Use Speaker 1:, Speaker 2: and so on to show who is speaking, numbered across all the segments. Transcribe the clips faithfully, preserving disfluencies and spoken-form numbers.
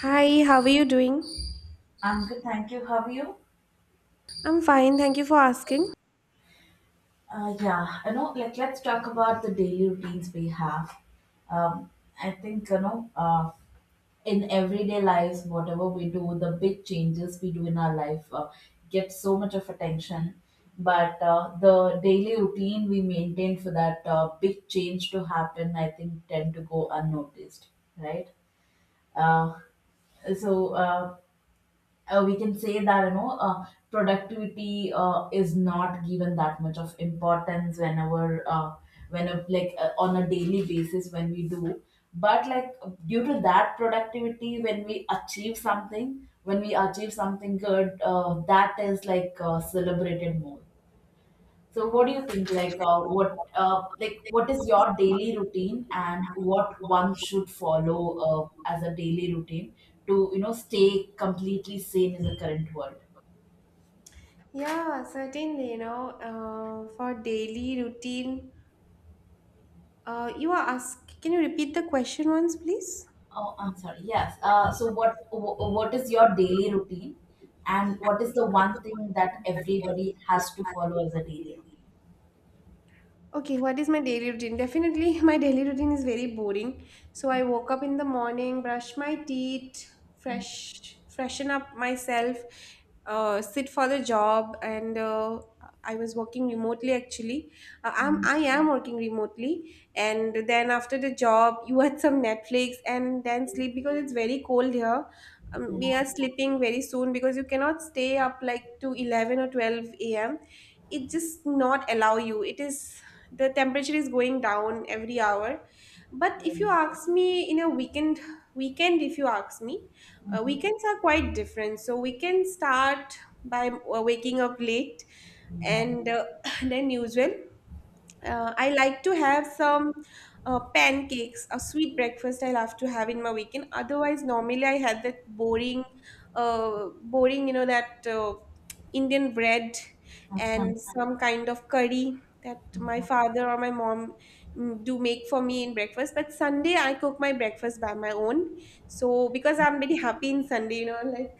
Speaker 1: Hi, how are you doing?
Speaker 2: I'm good, thank you. How are you?
Speaker 1: I'm fine, thank you for asking.
Speaker 2: Uh, yeah, you know, like let's talk about the daily routines we have. Um, I think you know, uh, in everyday lives, whatever we do, the big changes we do in our life uh, get so much of attention. But uh, the daily routine we maintain for that uh, big change to happen, I think, tend to go unnoticed, right? Uh, so uh, uh, we can say that you know uh, productivity uh, is not given that much of importance whenever uh, when a, like uh, on a daily basis when we do, but like, due to that productivity when we achieve something when we achieve something good, uh, that is like uh, celebrated more. So what do you think, like uh, what uh, like what is your daily routine, and what one should follow uh, as a daily routine to you know stay completely sane in the current world?
Speaker 1: Yeah, certainly, you know, uh, for daily routine, uh, you are ask, can you repeat the question once, please?
Speaker 2: Oh, I'm sorry. Yes. Uh, so what wh- what is your daily routine, and what is the one thing that everybody has to follow as a daily
Speaker 1: Okay, what is my daily routine? Definitely, my daily routine is very boring. So I woke up in the morning, brush my teeth, fresh, freshen up myself, uh, sit for the job, and uh, I was working remotely actually. Uh,
Speaker 2: routine?
Speaker 1: I'm
Speaker 2: Mm.
Speaker 1: I am working remotely, and then after the job, you watch some Netflix and then sleep because it's very cold here. Um, we are sleeping very soon because you cannot stay up like to eleven or twelve a.m. It just not allow you. It is, the temperature is going down every hour. But
Speaker 2: Yeah.
Speaker 1: if you
Speaker 2: Yeah.
Speaker 1: ask me in a weekend, weekend if you ask me uh,
Speaker 2: Mhm.
Speaker 1: weekends are quite different, so we can start by uh, waking up late
Speaker 2: Yeah.
Speaker 1: and uh, then usual. uh, I like to have some uh, pancakes, a sweet breakfast I love to have in my weekend. Otherwise, normally I had that boring, uh, boring, you know, that uh, Indian bread
Speaker 2: Huh.
Speaker 1: and some kind of curry that my father or my mom mm, do make for me in breakfast. But Sunday, I cook my breakfast by my own. So, because I'm very happy in Sunday, you know, like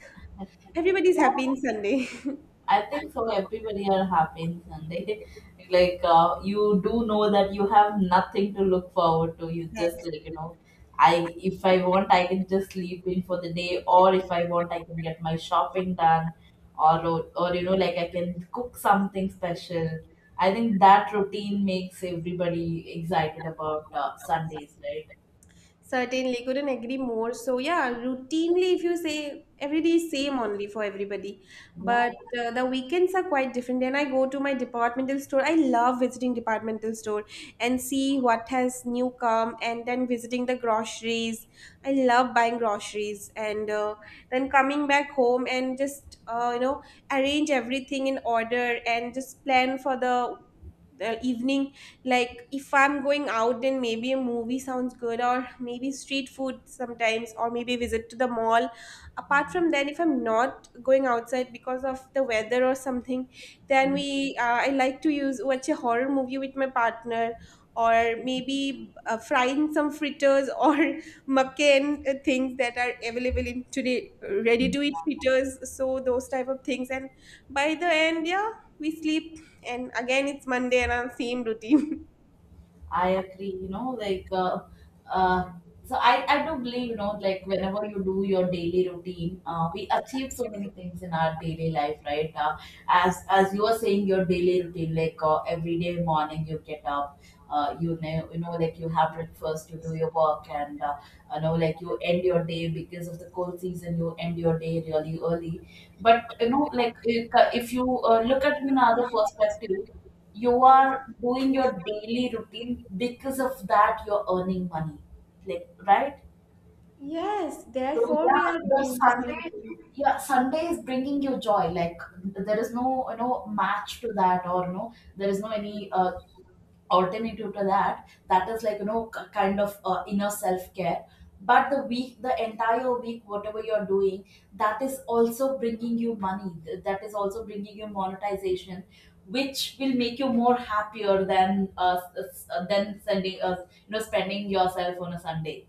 Speaker 1: everybody's happy in Sunday.
Speaker 2: I think so. Everybody are happy in Sunday. Like uh, you do know that you have nothing to look forward to. You just
Speaker 1: Yes.
Speaker 2: like you know, I if I want I can just sleep in for the day, or if I want I can get my shopping done, or or you know like I can cook something special. I think that routine makes everybody excited about uh, Sundays, right?
Speaker 1: Certainly, couldn't agree more. So yeah, routinely, if you say every day is same only for everybody,
Speaker 2: Yeah.
Speaker 1: but uh, the weekends are quite different. And I go to my departmental store. I love visiting departmental store and see what has new come, and then visiting the groceries. I love buying groceries and uh, then coming back home and just uh, you know, arrange everything in order and just plan for the the evening, like if I'm going out, then maybe a movie sounds good, or maybe street food sometimes, or maybe visit to the mall. Apart from that, if I'm not going outside because of the weather or something, then we uh, I like to use watch a horror movie with my partner, or maybe uh, frying some fritters or makan uh, things that are available in today, ready to eat fritters, so those type of things. And by the end, yeah, we sleep, and again, it's Monday and our same routine.
Speaker 2: I agree, you know, like, uh, uh, so I, I do believe, you know, like whenever you do your daily routine, uh, we achieve so many things in our daily life, right? Uh, as as you are saying, your daily routine, like uh, every day morning you get up, uh, you know, you know, like you have breakfast, you do your work, and uh, you know, like you end your day because of the cold season, you end your day really early. But you know, like if if you uh, look at it in another perspective, you are doing your daily routine, because of that you're earning money, like, right?
Speaker 1: Yes,
Speaker 2: So
Speaker 1: therefore we
Speaker 2: yeah,
Speaker 1: are
Speaker 2: the
Speaker 1: doing this.
Speaker 2: Sunday, yeah, Sunday is bringing you joy, like there is no you know match to that, or no, there is no any uh, alternative to that. That is like you know k- kind of uh, inner self care, but the week the entire week whatever you're doing, that is also bringing you money. Th- that is also bringing you monetization, which will make you more happier than uh, s- s- uh, than sending, uh, you know, spending yourself on a Sunday,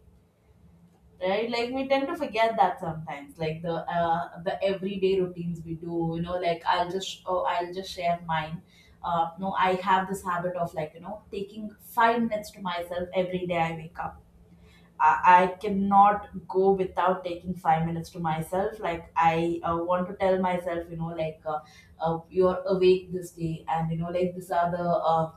Speaker 2: right? Like we tend to forget that sometimes. Like the uh, the everyday routines we do, you know, like I'll just, oh I'll just share mine. Uh, no, I have this habit of like you know taking five minutes to myself. Every day I wake up, I, I cannot go without taking five minutes to myself. Like I uh, want to tell myself, you know, like uh, uh, you're awake this day, and you know, like these are the uh,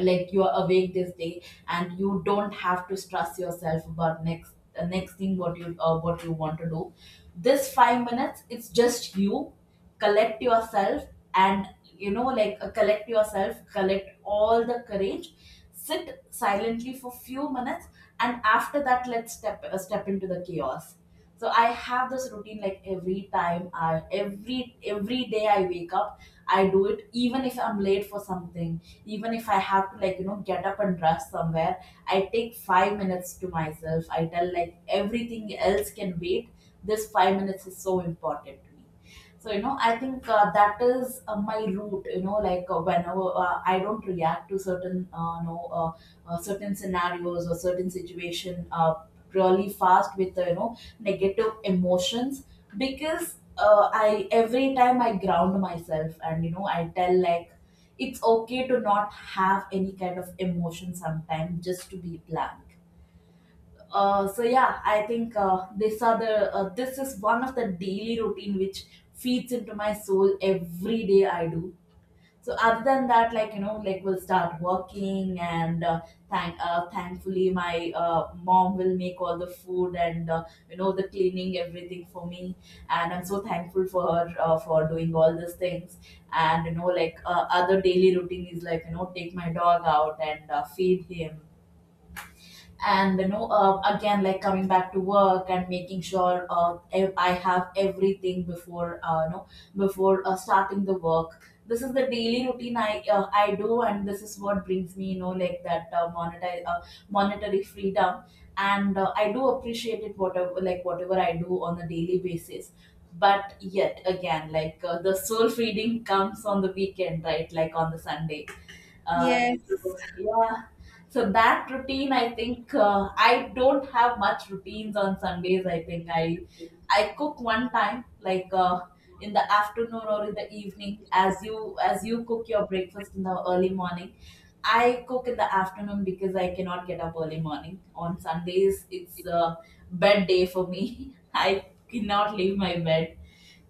Speaker 2: like you are awake this day, and you don't have to stress yourself about next the next thing what you uh, what you want to do. This five minutes, it's just you. Collect yourself, and you know like uh, collect yourself, collect all the courage, sit silently for few minutes, and after that let's step uh, step into the chaos. So I have this routine. Like every time I, every every day I wake up, I do it, even if I'm late for something, even if I have to like you know get up and rush somewhere, I take five minutes to myself. I tell like everything else can wait. This five minutes is so important to me. So you know I think uh, that is uh, my route, you know, like uh, whenever uh, I don't react to certain uh, you know uh, uh, certain scenarios or certain situation uh, really fast with uh, you know negative emotions, because uh, I, every time I ground myself, and you know I tell like it's okay to not have any kind of emotion sometimes, just to be blank. Uh, so yeah, I think uh, this are the uh, this is one of the daily routine which feeds into my soul every day I do. So other than that, like you know, like we'll start working, and uh, thank uh, thankfully my uh, mom will make all the food, and uh, you know the cleaning everything for me, and I'm so thankful for her, uh, for doing all these things. And you know like uh, other daily routine is like you know take my dog out and uh, feed him, and you know, uh, again, like coming back to work and making sure uh, ev- I have everything before uh, you know before uh, starting the work. This is the daily routine i uh, I do, and this is what brings me you know like that uh, monetary uh, monetary freedom. And uh, I do appreciate it, whatever like whatever I do on a daily basis, but yet again, like uh, the soul feeding comes on the weekend, right? Like on the Sunday. Uh,
Speaker 1: Yes.
Speaker 2: so, yeah. So that routine, I think uh, I don't have much routines on Sundays. I think I I cook one time, like uh, in the afternoon or in the evening, as you as you cook your breakfast in the early morning. I cook in the afternoon because I cannot get up early morning. On Sundays, it's uh, bed day for me. I cannot leave my bed.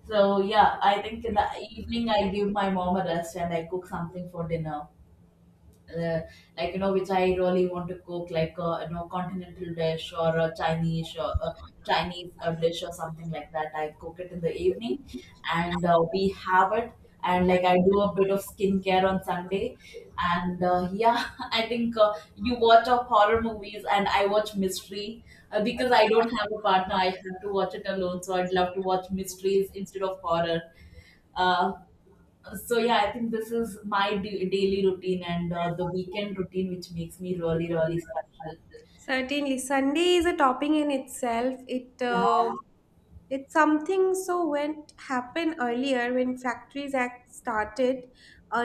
Speaker 2: So yeah, I think in the evening I give my mom a rest and I cook something for dinner, uh, like you know, which I really want to cook. Like a you know continental dish, or a chinese or a chinese uh, dish or something like that, I cook it in the evening, and uh, we have it. And like I do a bit of skincare on Sunday, and uh, yeah, I think uh, you watch up horror movies and I watch mystery, uh, because I don't have a partner, I have to watch it alone, so I'd love to watch mysteries instead of horror. uh, so yeah, I think this is my da- daily routine and uh, the weekend routine, which makes me really, really special.
Speaker 1: Certainly, Sunday is a topping in itself. It
Speaker 2: Yeah,
Speaker 1: uh, It's something. So when happened earlier, when Factories Act started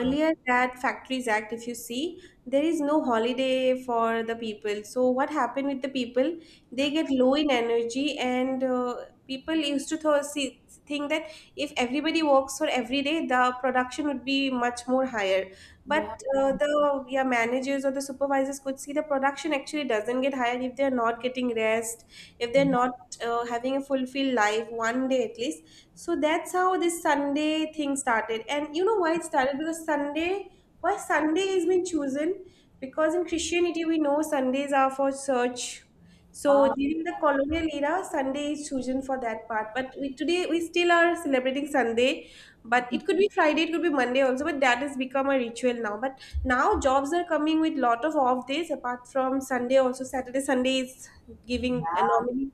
Speaker 2: yeah,
Speaker 1: that Factories Act, if you see, there is no holiday for the people. So what happened with the people? They get low in energy, and uh, people used to th- see, think that if everybody works for every day, the production would be much more higher.
Speaker 2: yeah,
Speaker 1: But uh,
Speaker 2: yeah.
Speaker 1: the yeah, managers or the supervisors could see the production actually doesn't get higher if they're not getting rest, if they're not just uh, having a fulfilled life one day at least. So that's how this Sunday thing started, and you know why it started. Because Sunday, why Sunday has been chosen, because in Christianity we know Sundays are for search. So
Speaker 2: Uh,
Speaker 1: during the colonial era, Sunday is chosen for that part, but we, today we still are celebrating Sunday, but it could be Friday, it could be Monday also, but that has become a ritual now. But now jobs are coming with lot of off days apart from Sunday. Also Saturday Sunday is giving a
Speaker 2: yeah.
Speaker 1: normally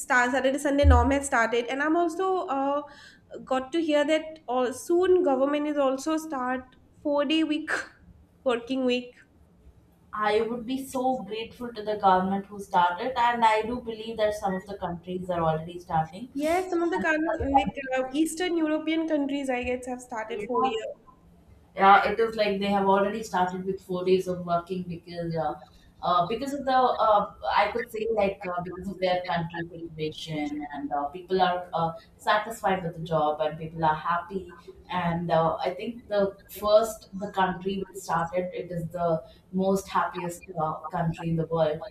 Speaker 1: Star Saturday Sunday norm has started, and I'm also uh, got to hear that all, soon government is also start four day week working week.
Speaker 2: I would be so grateful to the government who started, and I do believe that some of the countries are already starting. And
Speaker 1: Yes, some of the coun-
Speaker 2: some of the
Speaker 1: like
Speaker 2: countries,
Speaker 1: uh, Eastern European countries, I guess, have started
Speaker 2: yeah.
Speaker 1: four year.
Speaker 2: Yeah, it is like they have already started
Speaker 1: So
Speaker 2: with four
Speaker 1: I'm
Speaker 2: days of working, because
Speaker 1: happy
Speaker 2: uh,
Speaker 1: as
Speaker 2: uh,
Speaker 1: a
Speaker 2: because of the uh, I could say like uh, because of their country situation, and uh, people are uh, satisfied with the job, and people are happy. And uh, I think the first the country which started it is the most happiest uh,
Speaker 1: dog.
Speaker 2: country in the world.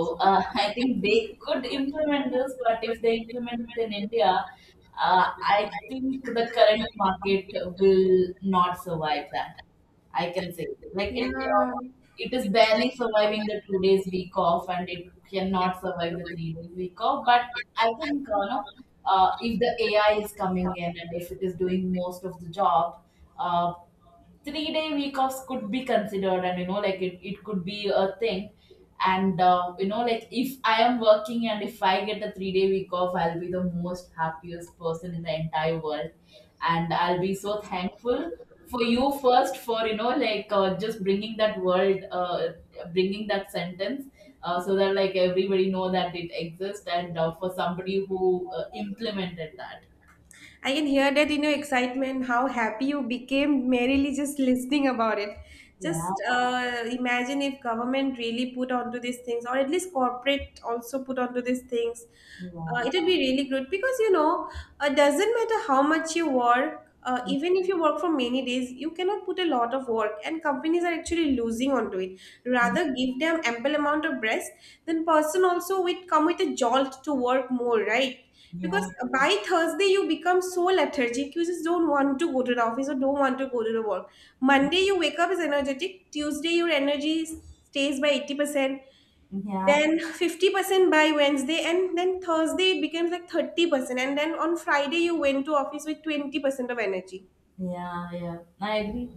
Speaker 1: So
Speaker 2: uh, I think
Speaker 1: I'm
Speaker 2: they could implement this, but if they
Speaker 1: doing
Speaker 2: implement it in India, uh,
Speaker 1: good.
Speaker 2: I think the current market will not survive that. I can say like it. Uh, it is barely surviving the two days week off, and it cannot survive the three days week off. But I think uh, no, uh, if the A I is coming in and if it is doing most of the job, uh, three day week offs could be considered, and you know like it, it could be a thing. And uh, you know like if I am working and if I get a three day week off, I'll be the most happiest person in the entire world, and I'll be so thankful for you first, for you know like uh, just bringing that world, uh, bringing that sentence, uh, so that like everybody know that it exists, and uh, for somebody who uh, implemented that.
Speaker 1: I can hear that in your excitement, how happy you became merely just listening about it. Just
Speaker 2: Yeah,
Speaker 1: uh, imagine if government really put onto these things, or at least corporate also put onto these things. Uh, it would be really good because you know it doesn't matter how much you work. Uh, even if you work for many days, you cannot put a lot of work, and companies are actually losing onto it. Rather give them ample amount of rest, then person also would come with a jolt to work more, right?
Speaker 2: yeah,
Speaker 1: Because
Speaker 2: yeah,
Speaker 1: by Thursday you become so lethargic, you just don't want to go to the office or don't want to go to the work. Monday you wake up is energetic, Tuesday your energy s- stays by eighty percent,
Speaker 2: yeah.
Speaker 1: then fifty percent by Wednesday, and then Thursday it becomes like thirty percent, and then on Friday you went to office with twenty percent of energy.
Speaker 2: Yeah, yeah, I agree.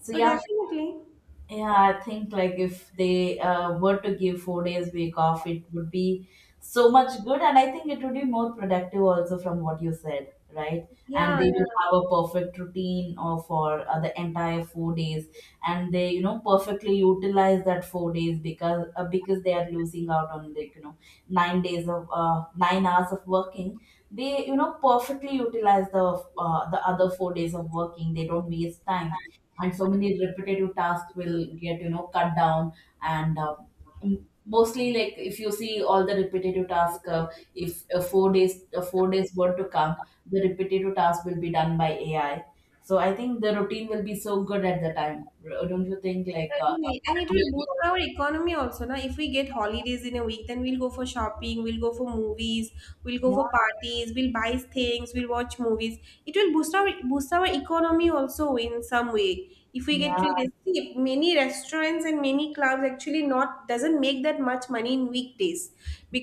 Speaker 2: So
Speaker 1: So
Speaker 2: yeah,
Speaker 1: definitely,
Speaker 2: yeah, I think like if they uh, were to give four days week off, it would be so much good, and I think it would be more productive also from what you said, right? And
Speaker 1: yeah,
Speaker 2: they
Speaker 1: yeah,
Speaker 2: will have a perfect routine or for uh, the entire four days, and they you know perfectly utilize that four days, because uh, because they are losing out on like you know nine days of uh, nine hours of working. They you know perfectly utilize the uh, the other four days of working. They don't waste time, and so many repetitive tasks will get you know cut down and uh, m- mostly. Like if you see all the repetitive tasks, uh, if uh, four days uh, four days were to come, the repetitive task will be done by AI. So I think the routine will be so good at the time. R- don't you think, like uh,
Speaker 1: certainly, and it
Speaker 2: one
Speaker 1: will
Speaker 2: week
Speaker 1: boost
Speaker 2: or-
Speaker 1: our economy also. Na, if we get holidays in a week, then we'll go for shopping, we'll go for movies, we'll go
Speaker 2: yeah
Speaker 1: for parties, we'll buy things, we'll watch movies. It will boost our boost our economy also in some way. If we
Speaker 2: yeah
Speaker 1: get treated, see, many restaurants events and many clubs actually not doesn't make that much money in weekdays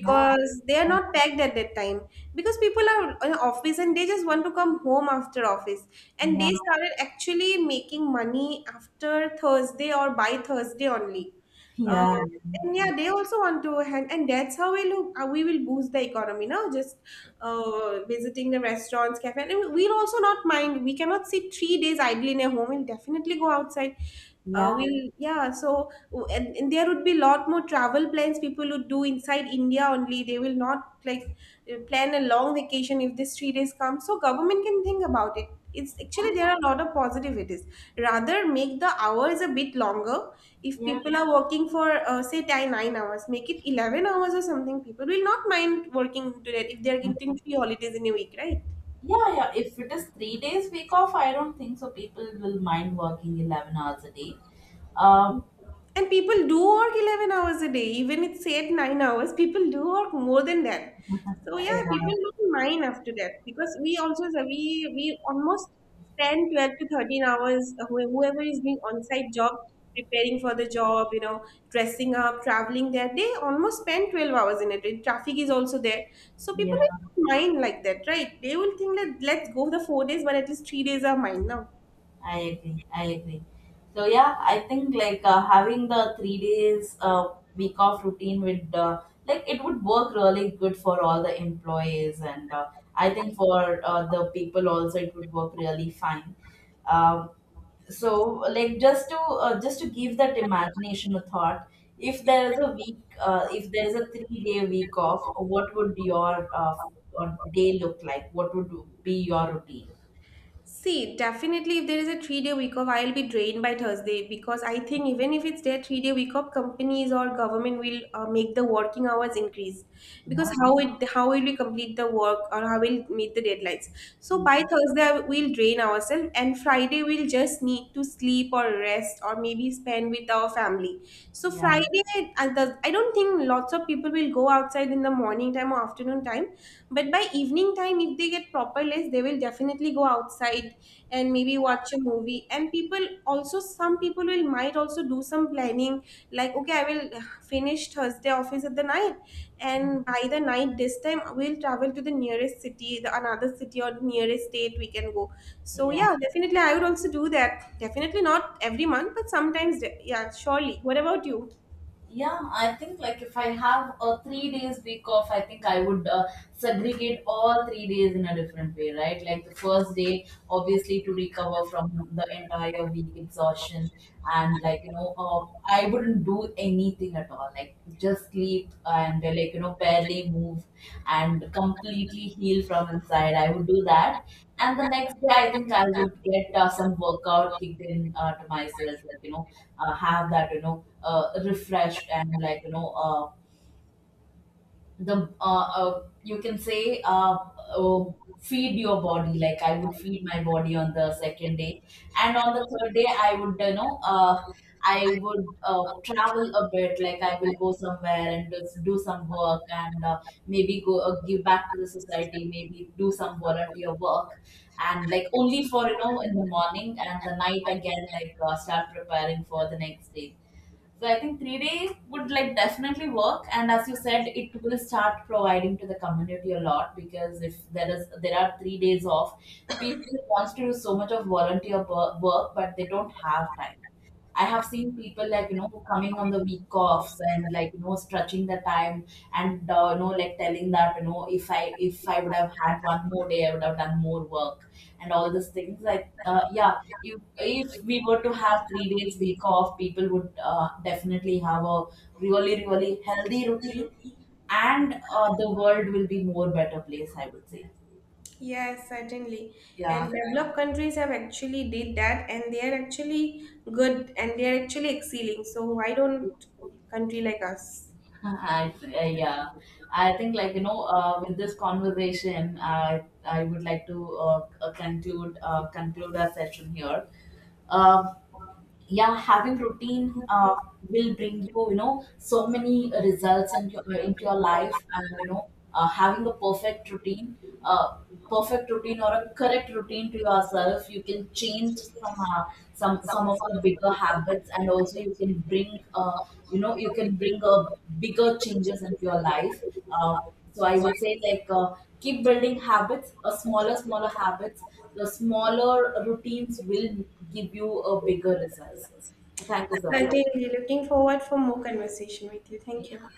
Speaker 2: yeah
Speaker 1: they are not packed at that time, because people are in office and they just want to come home after office, and
Speaker 2: yeah
Speaker 1: they started actually making money after Thursday or by Thursday only. Uh,
Speaker 2: yeah
Speaker 1: and
Speaker 2: yeah
Speaker 1: yeah, they also want to hand, and that's how we look. Uh, we will boost the economy now. Just uh, visiting the restaurants, cafe, and we'll also not mind. We cannot sit three days idle in a home. We'll definitely go outside. Uh,
Speaker 2: yeah
Speaker 1: we'll yeah. So and, and there would be lot more travel plans people would do inside India only. They will not like, uh, plan a long vacation if this three days come. So government can think about it. It's actually there are a lot of positivities. Rather make the hours a bit longer. If
Speaker 2: yeah
Speaker 1: people are working for uh, say ten, nine hours, make it eleven hours or something. People will not mind working to that if they are getting three holidays in a week, right?
Speaker 2: Yeah, yeah. If it is three days week off, I don't think so people will mind working eleven hours a day. Uh,
Speaker 1: And people do work eleven hours a day, even it's said nine hours, people do work more than that. So yeah, people
Speaker 2: yeah,
Speaker 1: don't mind after that because we also, so we we almost spend twelve to thirteen hours uh, who- whoever is doing on-site job, preparing for the job, you know, dressing up, traveling there, they almost spend twelve hours in it. And Traffic is also there. So people will
Speaker 2: yeah,
Speaker 1: not mind like that, right? They will think that let's go the four days but at least three days are mine now.
Speaker 2: I agree. I agree. So, yeah, I think like uh, having the three days uh, week off routine would, uh, like, it would work really good for all the employees, and uh, I think for uh, the people also it would work really fine. Um so, like, just to uh, just to give that imagination a thought, if there is a week uh, if there is a three day week off, what would your uh, uh, day look like? What would be your routine?
Speaker 1: See, definitely, if there is a three day week off, I'll be drained by Thursday, because I think even if it's their three day week off, companies or government will uh, make the working hours increase, because
Speaker 2: yeah
Speaker 1: how it, how will we complete the work, or how will meet the deadlines. So by
Speaker 2: yeah
Speaker 1: Thursday, we'll drain ourselves, and Friday we'll just need to sleep or rest or maybe spend spend with our family. So
Speaker 2: yeah
Speaker 1: Friday, I does- I don't think lots of people will go outside in the morning time or afternoon time, but by evening time, if they get proper rest, they will definitely go outside and maybe watch a movie. And people also, some people will might also do some planning, like okay, I will finish Thursday office at the night, and by the night this time we'll travel to the nearest city, the another city or nearest state we can go. So
Speaker 2: yeah
Speaker 1: yeah, definitely I would also do that, definitely not every month but sometimes, de- yeah, surely. What about you?
Speaker 2: Yeah, I think like if I have a three days week off, I think I would, uh, segregate all three days in a different way, right? Like the first day, obviously, to recover from the entire week exhaustion, and like you know, uh, I wouldn't do anything at all. Like like just sleep and uh, like you know barely move and completely heal from inside. I would do that. And the next day, I think I would get uh, some workout kicked in uh, to myself, like you know uh, have that, you know uh, refreshed, and like you know uh, the uh, uh, you can say, uh, uh, feed your body. Like, I would feed my body on the second day. And on the third day, I would, you know uh, I would, uh, travel a bit. Like, I will go somewhere and just do some work, and uh, maybe go, uh, give back to the society, maybe do some volunteer work, and like only for you know in the morning and the night again, like, uh, start preparing for the next day. So I think three day would, like, definitely work. And as you said, it will start providing to the community a lot, because if there is there are three days off, people wants to do so much of volunteer wo- work, but they don't have time. I have seen people, like you know who coming on the week offs and, like you know stretching the time, and uh, you know like telling that, you know, if I if I would have had one more day, I would have done more work and all these things. Like uh, yeah, if if we were to have three days week off, people would uh, definitely have a really, really healthy routine, and uh, the world will be more better place, I would say.
Speaker 1: Yes, certainly. And
Speaker 2: Yeah
Speaker 1: yeah, developed countries have actually did that and they are actually good and they are actually excelling. So why don't country like us?
Speaker 2: I, I Yeah, I think, like you know, uh, with this conversation, I I would like to uh, uh, conclude uh, conclude our session here. Um, yeah, having routine uh, will bring you, you know so many results into your, into your life. And, you know uh, having a perfect routine, uh, perfect routine, or a correct routine to yourself, you can change some uh, some some of the bigger habits, and also you can bring, uh, you know you can bring, uh, bigger changes into your life. uh, so I would say, like, uh, keep building habits, uh, smaller, smaller habits. The smaller routines will give you a bigger results. So thank you so much.
Speaker 1: Certainly looking forward for more conversation with you. Thank you.
Speaker 2: Yeah.